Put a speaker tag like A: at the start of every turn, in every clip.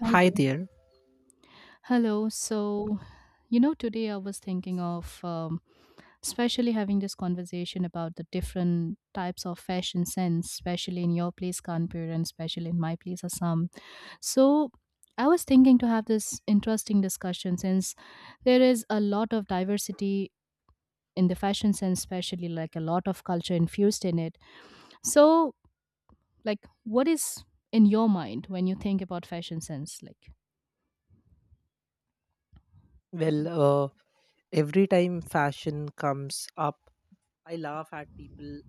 A: Hi
B: Hi
A: there.
B: there.
A: Hello. So today I was thinking of especially having this conversation about the different types of fashion sense, especially in your place, Kanpur, and especially in my place, Assam. So, I was thinking to have this interesting discussion since there is a lot of diversity in the fashion sense, especially like a lot of culture infused in it. So, like, what is in your mind when you think about fashion sense?
B: Well, uh, every time fashion comes up, I laugh at people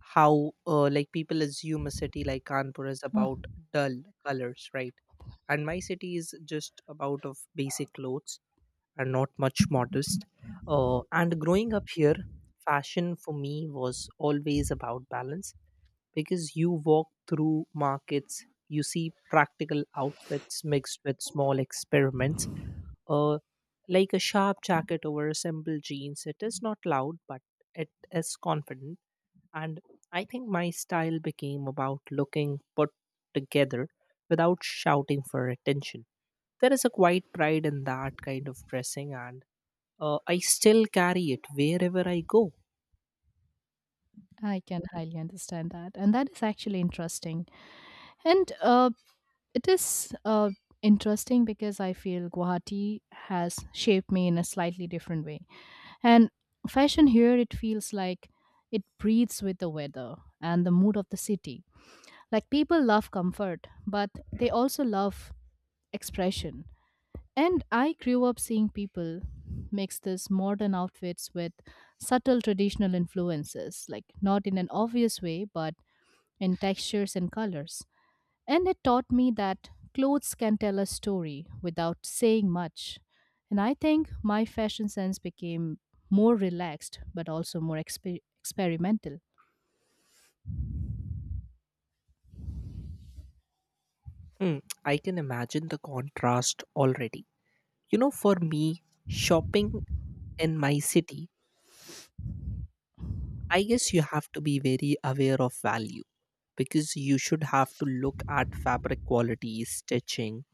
B: how like people assume a city like Kanpur is
A: Like,
B: about dull colors, right? And my city is just about of basic clothes and not much modest. And growing up here, fashion for me was always about balance because you walk through markets, you see practical outfits mixed with small experiments. Uh, like a sharp jacket over a simple jeans, it is not loud, but it is confident and I think my style became about looking put together without shouting for attention. There is a quiet pride in that kind of dressing, and I still carry it wherever I go.
A: I can highly understand that. And that is actually interesting. And it is interesting because I feel Guwahati has shaped me in a slightly different way. And fashion here, it feels like it breathes with the weather and the mood of the city. Like people love comfort, but they also love expression. And I grew up seeing people mix these modern outfits with subtle traditional influences, like not in an obvious way, but in textures and colors. And it taught me that clothes can tell a story without saying much. And I think my fashion sense became more relaxed but also more experimental.
B: Hmm, I can imagine the contrast already. You know, for me, shopping in my city, I guess you have to be very aware of value because you should have to look at fabric quality, stitching,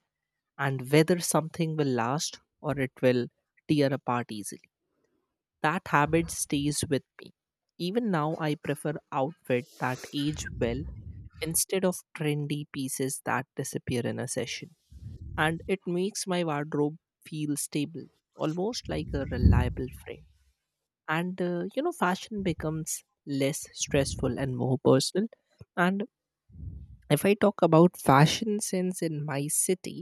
B: and whether something will last or it will tear apart easily. That habit stays with me. Even now, I prefer outfit that age well instead of trendy pieces that disappear in a session. And it makes my wardrobe feel stable, almost like a reliable friend. And fashion becomes less stressful and more personal. And if I talk about fashion sense in my city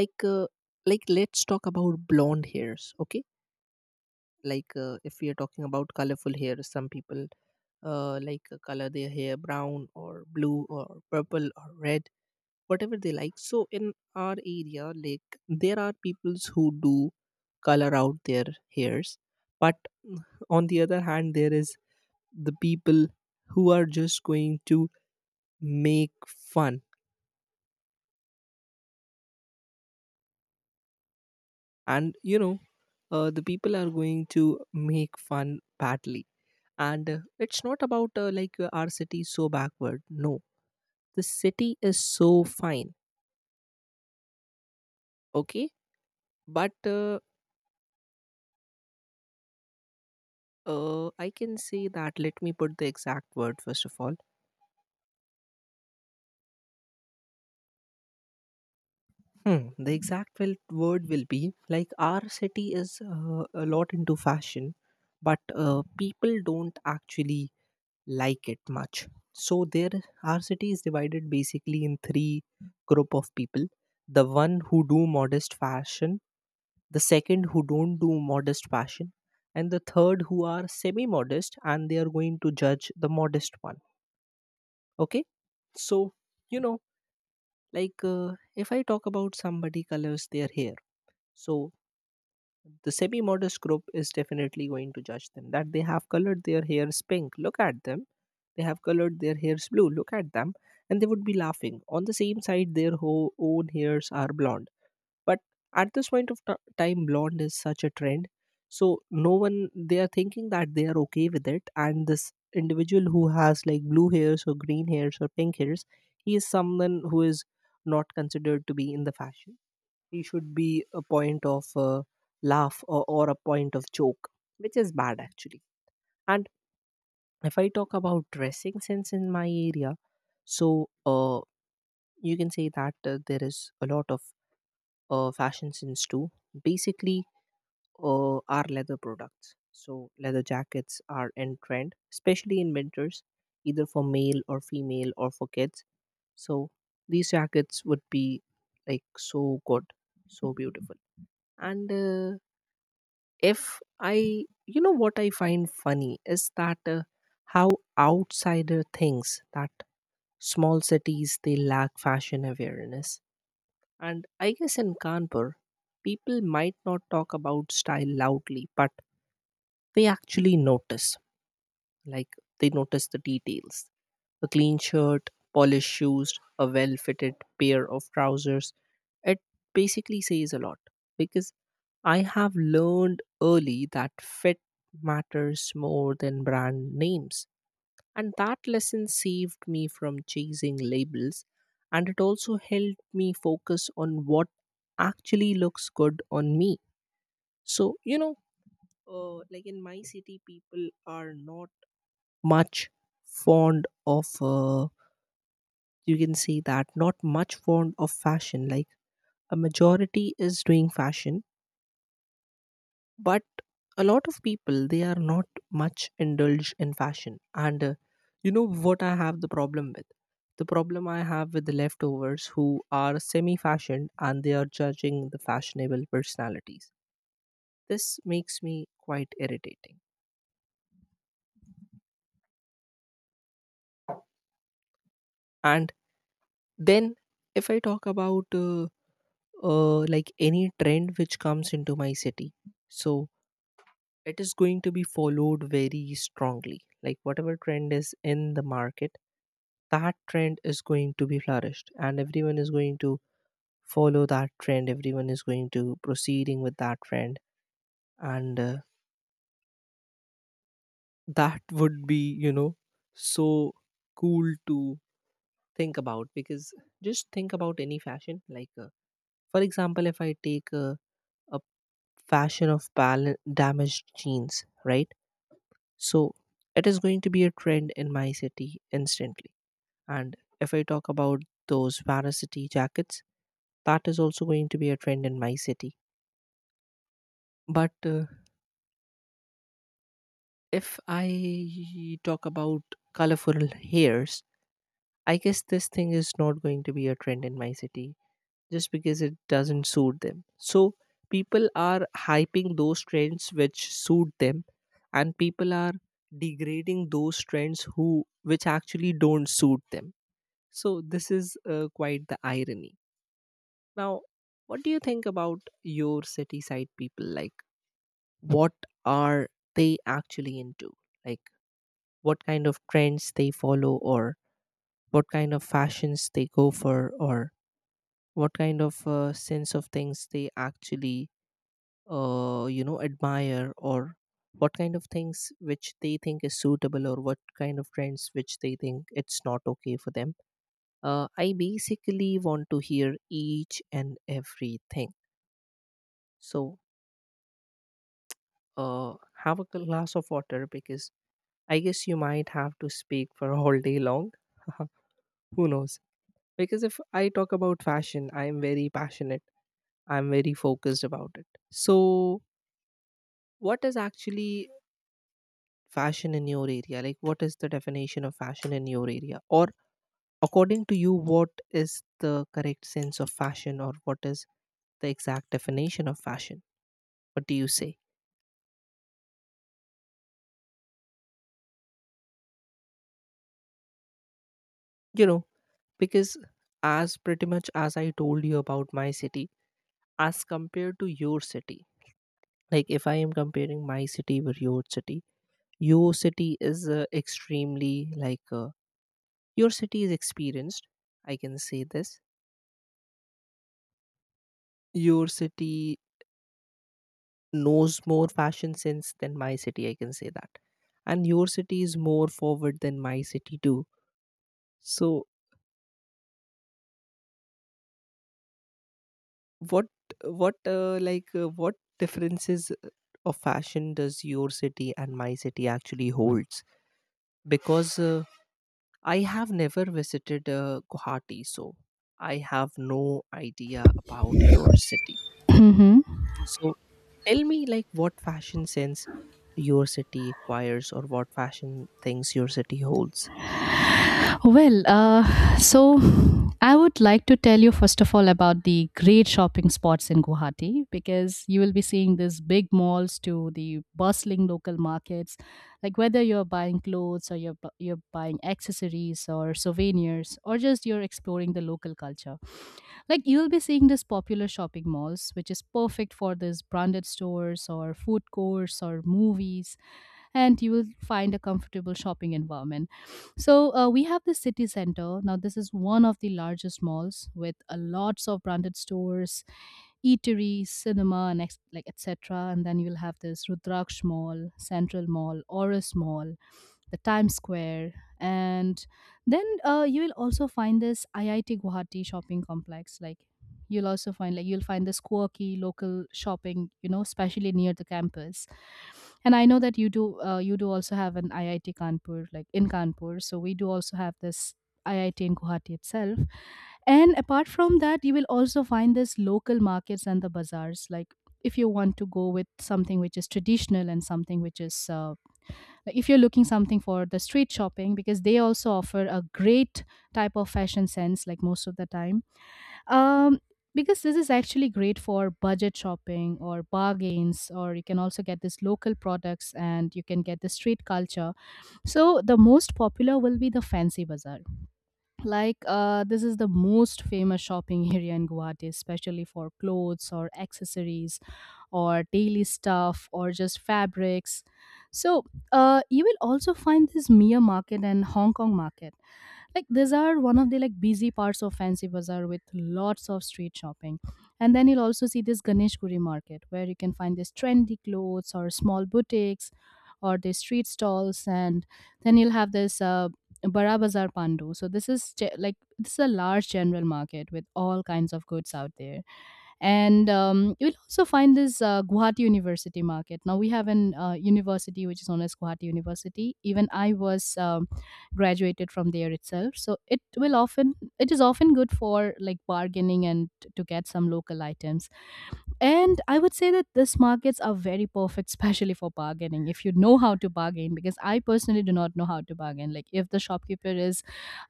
B: like uh, like let's talk about blonde hairs, okay, if we are talking about colorful hair, some people color their hair brown or blue or purple or red, whatever they like. So in our area, like there are peoples who do color out their hairs, but mm, on the other hand there is the people who are just going to make fun and the people are going to make fun badly. And it's not about our city is so backward. No, the city is so fine. Okay, but I can say that. Let me put the exact word first of all. Hmm, the exact word will be like our city is a lot into fashion, but people don't actually like it much. So there, our city is divided basically in three group of people: the one who do modest fashion, the second who don't do modest fashion, and the third who are semi-modest and they are going to judge the modest one. Okay, so you know, if I talk about somebody colors their hair, so the semi modest group is definitely going to judge them that they have colored their hairs pink, look at them, they have colored their hairs blue, look at them. And they would be laughing on the same side their own hairs are blonde, but at this point of time blonde is such a trend, so no one, they are thinking that they are okay with it, and this individual who has like blue hairs or green hairs or pink hairs, he is someone who is not considered to be in the fashion. He should be a point of laugh or a point of joke, which is bad actually. And if I talk about dressing sense in my area, so uh, you can say that there is a lot of fashion sense too. Basically are leather products, so leather jackets are in trend, especially in winters, either for male or female or for kids. So these jackets would be like so good, so beautiful. And if I you know what I find funny is that how outsider thinks that small cities they lack fashion awareness. And I guess in Kanpur, people might not talk about style loudly, but they actually notice, like they notice the details, a clean shirt, polished shoes, a well fitted pair of trousers. It basically says a lot because I have learned early that fit matters more than brand names. And that lesson saved me from chasing labels, and it also helped me focus on what actually looks good on me. So, you know, like in my city, people are not much fond of you can say that not much fond of fashion. Like a majority is doing fashion, but a lot of people they are not much indulged in fashion. And you know what, I have the problem with, the problem I have with the leftovers who are semi fashioned and they are judging the fashionable personalities, this makes me quite irritating. And then if I talk about like any trend which comes into my city. So it is going to be followed very strongly. Like whatever trend is in the market, that trend is going to be flourished, and everyone is going to follow that trend. Everyone is going to proceeding with that trend, and that would be, you know, so cool to think about because just think about any fashion. For example, if I take a fashion of damaged jeans, right? So it is going to be a trend in my city instantly. And if I talk about those varsity jackets, that is also going to be a trend in my city. But if I talk about colorful hairs, I guess this thing is not going to be a trend in my city just because it doesn't suit them. So people are hyping those trends which suit them, and people are degrading those trends who which actually don't suit them. So this is quite the irony. Now, what do you think about your city side people? Like, what are they actually into? Like, what kind of trends they follow, or what kind of fashions they go for, or what kind of sense of things they actually, you know, admire, or what kind of things which they think is suitable, or what kind of trends which they think it's not okay for them? I basically want to hear each and everything. So uh, have a glass of water because I guess you might have to speak for all day long. Who knows? Because if I talk about fashion, I am very passionate. I'm very focused about it. So, what is actually fashion in your area? Like, what is the definition of fashion in your area? Or, according to you, what is the correct sense of fashion, or what is the exact definition of fashion? What do you say? You know, because as pretty much as I told you about my city, as compared to your city, like if I am comparing my city with your city is extremely like your city is experienced. I can say this. Your city knows more fashion sense than my city. I can say that, and your city is more forward than my city too. So what what what differences of fashion does your city and my city actually holds because I have never visited Guwahati, so I have no idea about your city, so tell me like what fashion sense your city acquires or what fashion things your city holds.
A: So I would like to tell you first of all about the great shopping spots in Guwahati because you will be seeing these big malls to the bustling local markets. Like whether you're buying clothes or you're buying accessories or souvenirs or just you're exploring the local culture. Like you'll be seeing this popular shopping malls, which is perfect for these branded stores or food courts or movies, and you will find a comfortable shopping environment. We have the city center. Now this is one of the largest malls with a lots of branded stores, eateries, cinema, and etc. And then you'll have this Rudraksh Mall, Central Mall, Oris Mall, the Times Square, and then you will also find this IIT Guwahati shopping complex. Like you'll find this quirky local shopping, you know, especially near the campus. And I know that you do also have an IIT Kanpur, like in Kanpur. So we do also have this IIT in Guwahati itself. And apart from that, you will also find this local markets and the bazaars. Like if you want to go with something which is traditional and something which is if you're looking something for the street shopping because they also offer a great type of fashion sense, like most of the time, um because this is actually great for budget shopping or bargains, or you can also get this local products and you can get the street culture. So the most popular will be the fancy bazaar. This is the most famous shopping area in Guwahati, especially for clothes or accessories or daily stuff or just fabrics. So you will also find this Mia market and Hong Kong market. Like these are one of the like busy parts of Fancy Bazaar with lots of street shopping. And then you'll also see this Ganesh Guri market where you can find these trendy clothes or small boutiques or the street stalls, and then you'll have this Bara Bazaar Pandu. So this is this is a large general market with all kinds of goods out there. And you will also find this Guwahati University market. Now we have an university which is known as Guwahati University. Even I was graduated from there itself, so it is often good for like bargaining and to get some local items. And I would say that these markets are very perfect, especially for bargaining. If you know how to bargain, because I personally do not know how to bargain. Like if the shopkeeper is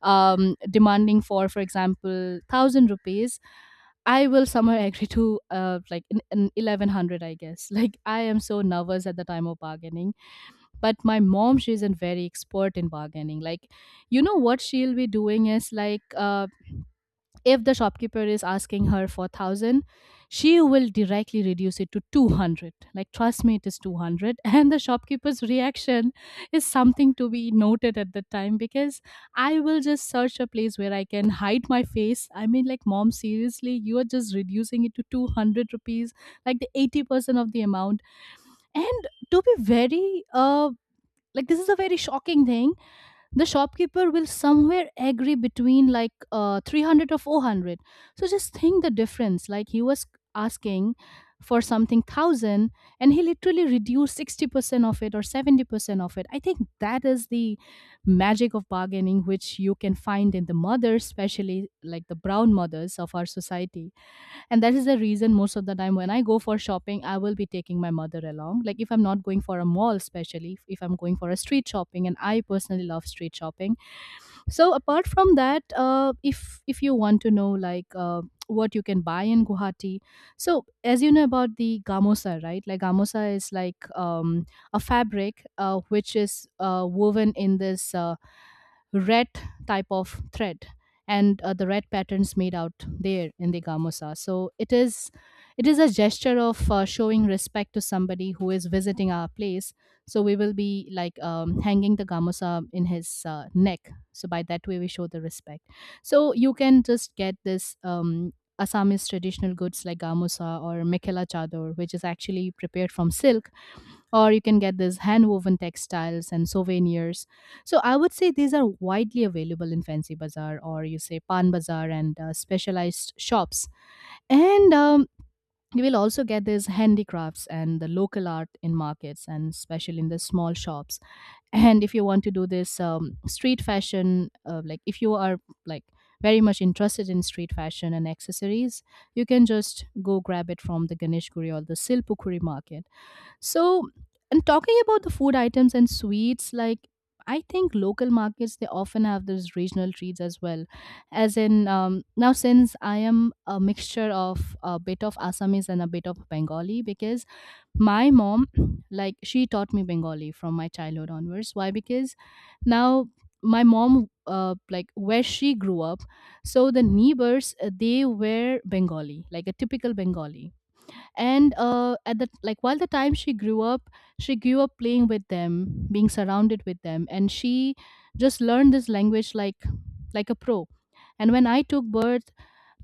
A: demanding for example, thousand rupees, I will somehow agree to an 1100, I guess. Like I am so nervous at the time of bargaining. But my mom, she's a very expert in bargaining. Like you know what she'll be doing is like. If the shopkeeper is asking her for 1000, she will directly reduce it to 200. Like trust me, it is 200 and the shopkeeper's reaction is something to be noted at the time, because I will just search a place where I can hide my face. I mean, like, mom seriously, you are just reducing it to 200 rupees, like the 80% of the amount. And to be very like this is a very shocking thing, the shopkeeper will somewhere agree between 300 or 400. So just think the difference. Like he was asking for something thousand and he literally reduced 60% of it or 70% of it. I think that is the magic of bargaining, which you can find in the mothers, especially like the brown mothers of our society. And that is the reason most of the time when I go for shopping I will be taking my mother along, like if I'm not going for a mall, especially if I'm going for a street shopping, and I personally love street shopping. So apart from that, if you want to know like what you can buy in Guwahati, so as you know about the gamosa, right? Like gamosa is like, a fabric which is woven in this red type of thread, and the red patterns made out there in the gamusa. So it is a gesture of showing respect to somebody who is visiting our place. So we will be like hanging the gamusa in his neck. So by that way we show the respect. So you can just get this Assamese traditional goods like gamusa or mekela chador, which is actually prepared from silk, or you can get these hand-woven textiles and souvenirs. So I would say these are widely available in Fancy Bazaar or you say Pan Bazaar and specialized shops. And you will also get these handicrafts and the local art in markets and especially in the small shops. And if you want to do this street fashion, like if you are like very much interested in street fashion and accessories, you can just go grab it from the Ganesh Guri or the Silpukuri market. So, and talking about the food items and sweets, like I think local markets they often have those regional treats as well. As in now, since I am a mixture of a bit of Assamese and a bit of Bengali, because my mom, like she taught me Bengali from my childhood onwards. Why? Because now my mom, like where she grew up, so the neighbors they were Bengali, like a typical Bengali, and at the like while the time she grew up, she grew up playing with them, being surrounded with them, and she just learned this language like a pro. And when I took birth,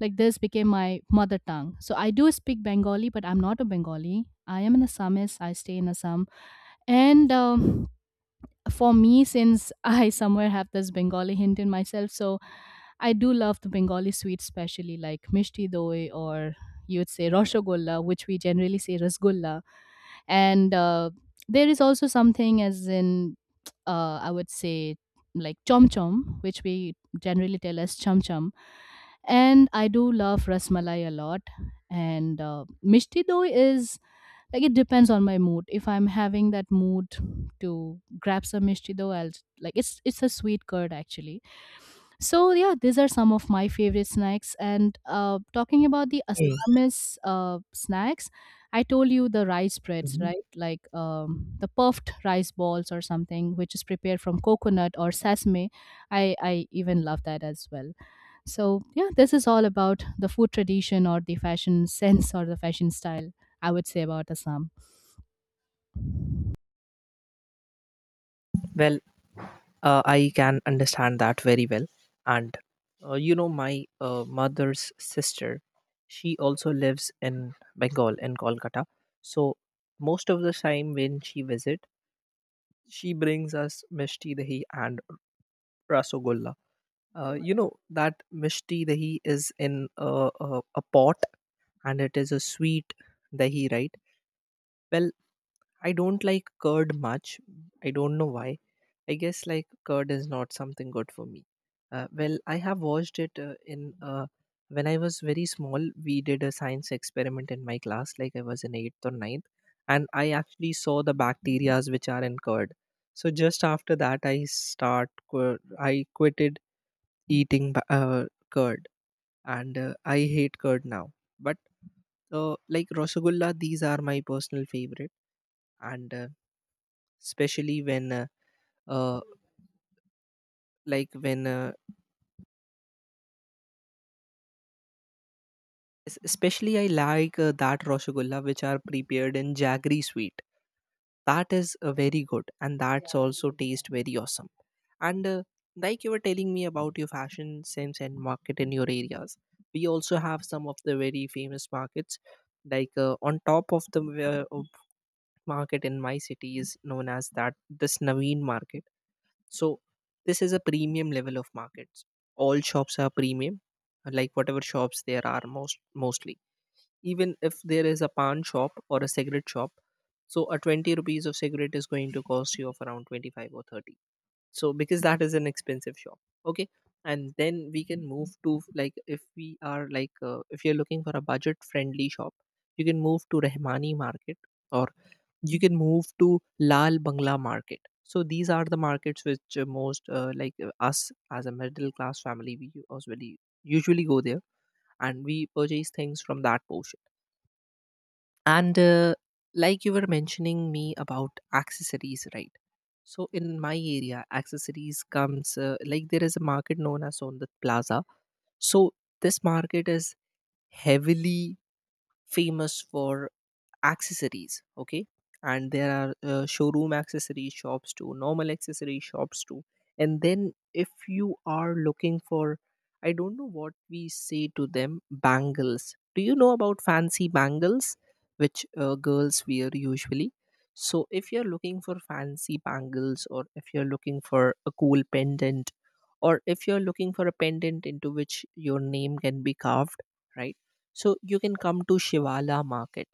A: like this became my mother tongue, so I do speak Bengali, but I'm not a Bengali. I am an Assamese, I stay in Assam. And for me, since I somewhere have this Bengali hint in myself, so I do love the Bengali sweets, especially like mishti doi, or you'd say roshogolla, which we generally say rasgulla. And there is also something as in, I would say, like chom chom, which we generally tell as chum chum. And I do love rasmalai a lot. And mishti doi is like it depends on my mood. If I'm having that mood to grab some mishti though, I'll like it's a sweet curd actually. So yeah, these are some of my favorite snacks. And uh, talking about the
B: Mm,
A: Assamese snacks, I told you the rice breads,
B: mhm.
A: right? Like the puffed rice balls or something which is prepared from coconut or sesame, I even love that as well. So yeah, this is all about the food tradition or the fashion sense or the fashion style I would say about Assam.
B: Well, I can understand that very well. And you know, my mother's sister, she also lives in Bengal in Kolkata. So most of the time when she visit, she brings us mishti dahi and rasogolla. You know that mishti dahi is in a, a pot and it is a sweet dahi, right? Well, I don't like curd much, I don't know why. I guess like curd is not something good for me. Well, I have watched it in when I was very small. We did a science experiment in my class, like I was in eighth or ninth, and I actually saw the bacterias which are in curd. So just after that, I I quitted eating curd, and I hate curd now. But like rasagulla, these are my personal favorite. And especially when uh, like when Es- Especially, I like that Rasgulla which are prepared in jaggery sweet. That is very good, and that's also taste very awesome. And like you were telling me about your fashion sense and market in your areas, we also have some of the very famous markets. Like on top of the of market in my city is known as that this Naveen market. So this is a premium level of markets. All shops are premium, like whatever shops there are mostly even if there is a pan shop or a cigarette shop. So a 20 rupees of cigarette is going to cost you of around 25 or 30, so because that is an expensive shop. Okay, and then we can move to like if we are like if you're looking for a budget friendly shop, you can move to Rahmani market, or you can move to Lal Bangla market. So these are the markets which most like us as a middle class family we usually go there and we purchase things from that portion. And Like you were mentioning me about accessories, right? So in my area, accessories comes like there is a market known as On the Plaza. So this market is heavily famous for accessories. Okay, and there are showroom accessory shops too, normal accessory shops too. And then if you are looking for, I don't know what we say to them, bangles, do you know about fancy bangles, which girls wear usually? So if you're looking for fancy bangles, or if you're looking for a cool pendant, or if you're looking for a pendant into which your name can be carved, right, so you can come to Shivala market.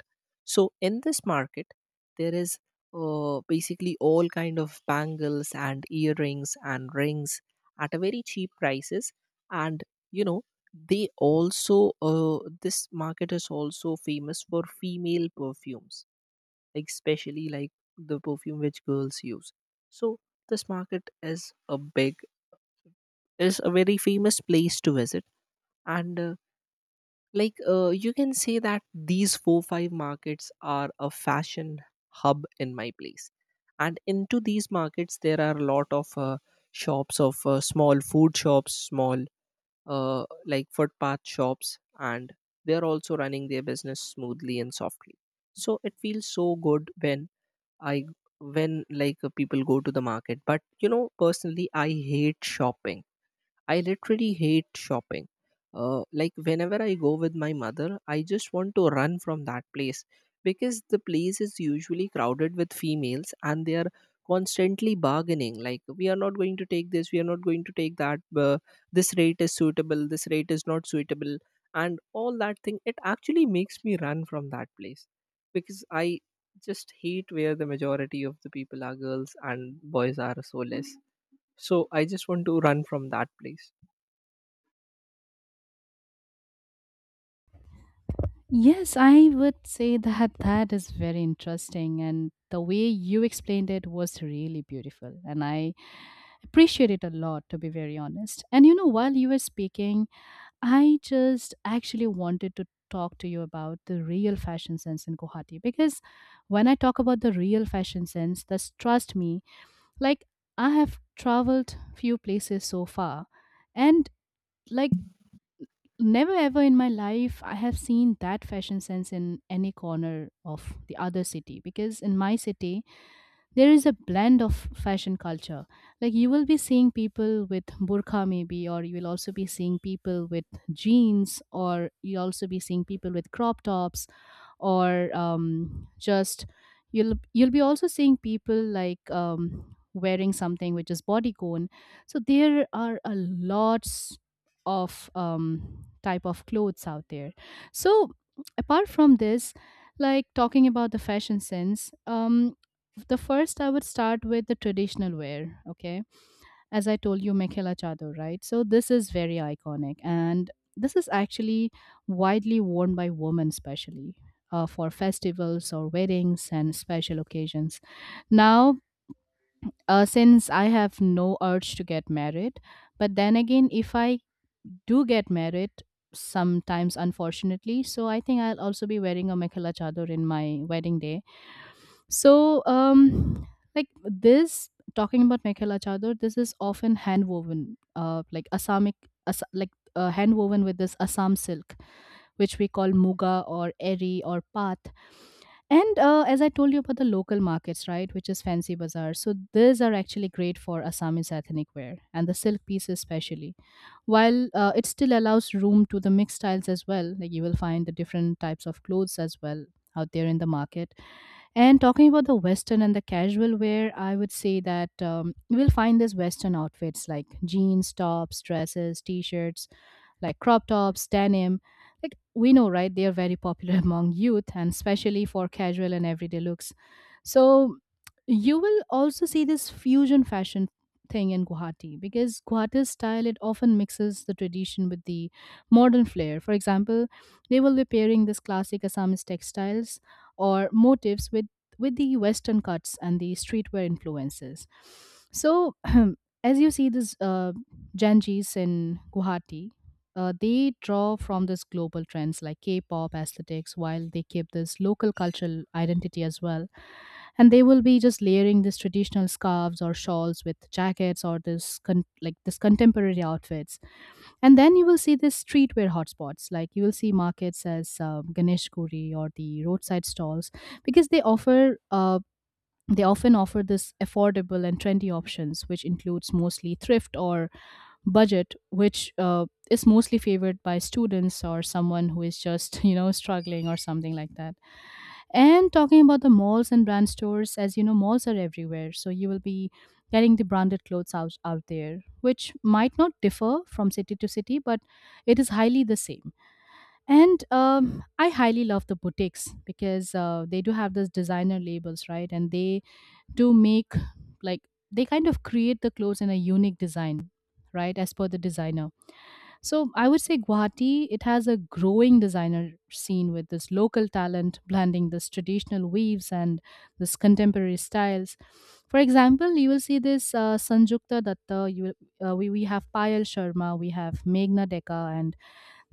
B: So in this market there is basically all kind of bangles and earrings and rings at a very cheap prices. And, you know, they also, this market is also famous for female perfumes, like especially like the perfume which girls use. So this market is a big, is a very famous place to visit. And Like you can say that these 4-5 markets are a fashion hub in my place. And into these markets there are a lot of shops of small food shops, small like footpath shops, and they are also running their business smoothly and softly. So it feels so good when I, when like people go to the market. But you know personally I hate shopping. I literally hate shopping. Like whenever I go with my mother, I just want to run from that place because the place is usually crowded with females and they are constantly bargaining. Like, we are not going to take this, we are not going to take that. This rate is suitable, this rate is not suitable, and all that thing. It actually makes me run from that place because I just hate where the majority of the people are girls and boys are so less. So I just want to run from that place.
A: Yes, I would say that that is very interesting, and the way you explained it was really beautiful, and I appreciate it a lot, to be very honest. And you know, while you were speaking, I just actually wanted to talk to you about the real fashion sense in Guwahati, because when I talk about the real fashion sense, that's trust me, like I have traveled few places so far, and like never ever in my life I have seen that fashion sense in any corner of the other city, because in my city there is a blend of fashion culture. Like you will be seeing people with burqa maybe, or you will also be seeing people with jeans, or you'll also be seeing people with crop tops or just you'll be also seeing people like wearing something which is body cone. So there are a lots of type of clothes out there. So apart from this, like talking about the fashion sense, the first I would start with the traditional wear. Okay, as I told you, Mekhela Chador, right? So this is very iconic, and this is actually widely worn by women, especially for festivals or weddings and special occasions. Now, since I have no urge to get married, but then again, if I do get married, sometimes unfortunately, so I think I'll also be wearing a Mekhela Chador in my wedding day. So, like this, talking about Mekhela Chador, this is often hand woven, like Assamic, Assa like hand woven with this Assam silk, which we call Muga or Eri or Path. And as I told you about the local markets, right, which is fancy bazaar. So, these are actually great for Assamese ethnic wear and the silk pieces, especially. While it still allows room to the mixed styles as well, like you will find the different types of clothes as well out there in the market. And talking about the Western and the casual wear, I would say that you will find these Western outfits like jeans, tops, dresses, t shirts, like crop tops, denim. Like we know, right? They are very popular among youth and especially for casual and everyday looks. So you will also see this fusion fashion thing in Guwahati because Guwahati's style, it often mixes the tradition with the modern flair. For example, they will be pairing this classic Assamese textiles or motifs with the western cuts and the streetwear influences. So as you see this janjis in Guwahati, they draw from this global trends like K-pop aesthetics while they keep this local cultural identity as well, and they will be just layering these traditional scarves or shawls with jackets or like this contemporary outfits. And then you will see these streetwear hotspots, like you will see markets as Ganesh Kuri or the roadside stalls, because they often offer this affordable and trendy options, which includes mostly thrift or budget, which is mostly favored by students or someone who is just, struggling or something like that. And talking about the malls and brand stores, as you know, malls are everywhere. So you will be getting the branded clothes out there, which might not differ from city to city, but it is highly the same. And I highly love the boutiques because they do have those designer labels, right? And they to make like they kind of create the clothes in a unique design, right, as per the designer. So I would say Guwahati, it has a growing designer scene with this local talent blending this traditional weaves and this contemporary styles. For example, you will see this Sanjukta Datta, we have Payal Sharma, we have Meghna Deka, and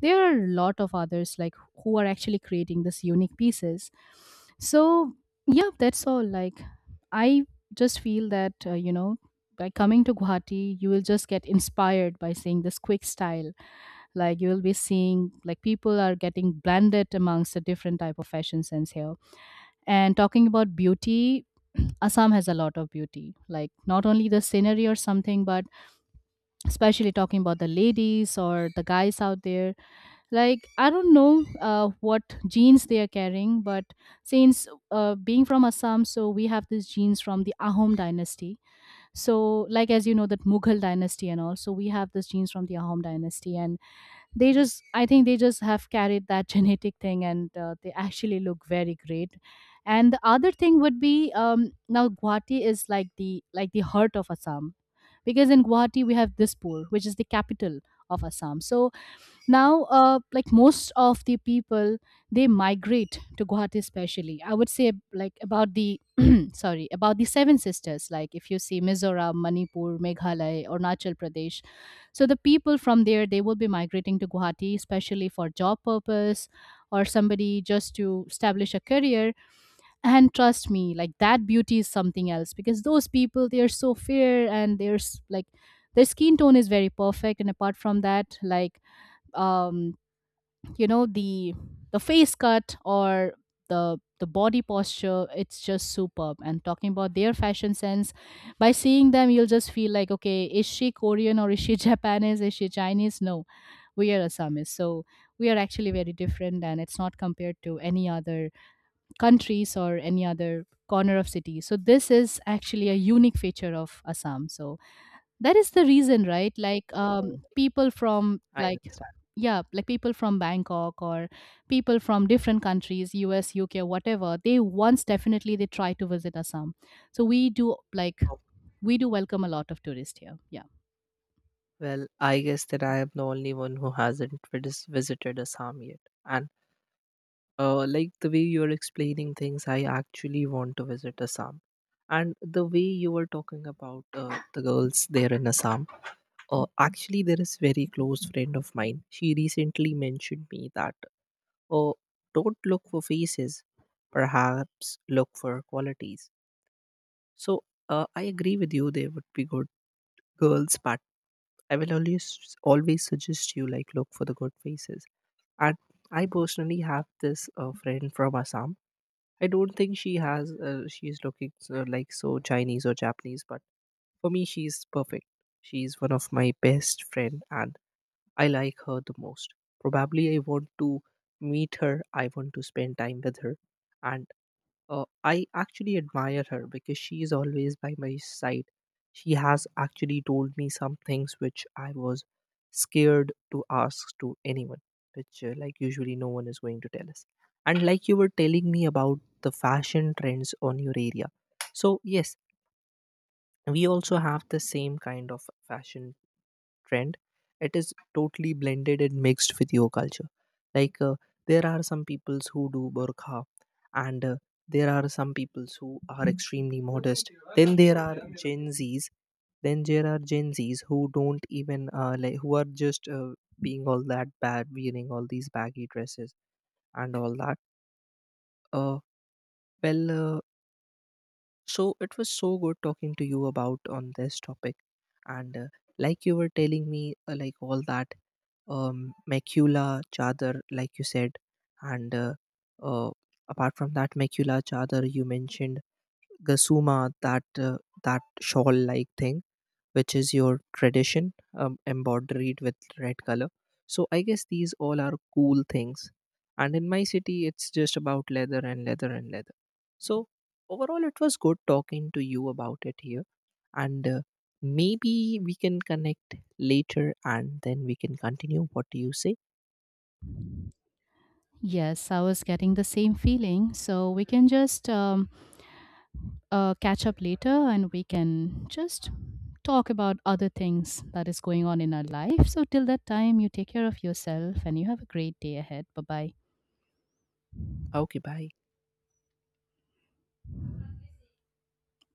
A: there are a lot of others like who are actually creating this unique pieces. So yeah, that's all. Like I just feel that you know, by coming to Guwahati you will just get inspired by seeing this quick style. Like you will be seeing like people are getting blended amongst the different type of fashion sense here. And talking about beauty, Assam has a lot of beauty, like not only the scenery or something, but especially talking about the ladies or the guys out there. Like I don't know what genes they are carrying, but since being from Assam, so we have these genes from the Ahom dynasty. So like as you know that Mughal dynasty and all, so we have these genes from the Ahom dynasty, and they just, I think they just have carried that genetic thing, and they actually look very great. And the other thing would be, now Guwahati is like the heart of Assam, because in Guwahati we have Dispur, which is the capital of Assam. So now, like most of the people, they migrate to Guwahati, especially I would say like about the sorry, about the seven sisters, like if you see Mizoram, Manipur, Meghalaya or Arunachal Pradesh. So the people from there, they will be migrating to Guwahati especially for job purpose, or somebody just to establish a career. And trust me, like that beauty is something else, because those people, they are so fair, and like their skin tone is very perfect. And apart from that, like um you know, the face cut or the body posture, it's just superb. And talking about their fashion sense, by seeing them you'll just feel like, okay, is she Korean or is she Japanese, is she Chinese? No, we are Assamese. So we are actually very different, and it's not compared to any other countries or any other corner of city. So this is actually a unique feature of Assam. So that is the reason, right, like
B: Mm,
A: people from
B: I
A: like
B: understand.
A: yeah, like people from Bangkok or people from different countries, US, UK, whatever, they once definitely they try to visit Assam. So we do like
B: Oh,
A: we do welcome a lot of tourists here, yeah.
B: well, I guess that I am the only one who hasn't visited Assam yet. And like the way you're explaining things, I actually want to visit Assam. And the way you were talking about the girls there in Assam, actually, there is very close friend of mine. She recently mentioned me that, oh, don't look for faces, perhaps look for qualities. So I agree with you. They would be good girls, but I will always suggest you like look for the good faces. And I personally have this friend from Assam. I don't think she has she's looking so, like so Chinese or Japanese, but for me she's perfect. She's one of my best friend, and I like her the most. Probably I want to meet her. I want to spend time with her, and I actually admire her because she is always by my side. She has actually told me some things which I was scared to ask to anyone, which like usually no one is going to tell us. And like you were telling me about the fashion trends on your area, so yes, we also have the same kind of fashion trend. It is totally blended and mixed with your culture. Like there are some peoples who do burqa, and there are some peoples who are extremely modest. Then there are gen z's, then there are gen z's who don't even like who are just being all that bad, wearing all these baggy dresses and all that. uh, well uh, So it was so good talking to you about on this topic, and like you were telling me, like all that, macula chadar, like you said, and uh, apart from that macula chadar, you mentioned gasuma, that that shawl like thing which is your tradition, embroidered with red color. So I guess these all are cool things, and in my city it's just about leather and leather and leather. So overall it was good talking to you about it here, and maybe we can connect later and then we can continue. What do you say?
A: Yes, I was getting the same feeling, so we can just catch up later, and we can just talk about other things that is going on in our life. So, till that time, you take care of yourself and you have a great day ahead. Bye bye.
B: Okay, bye.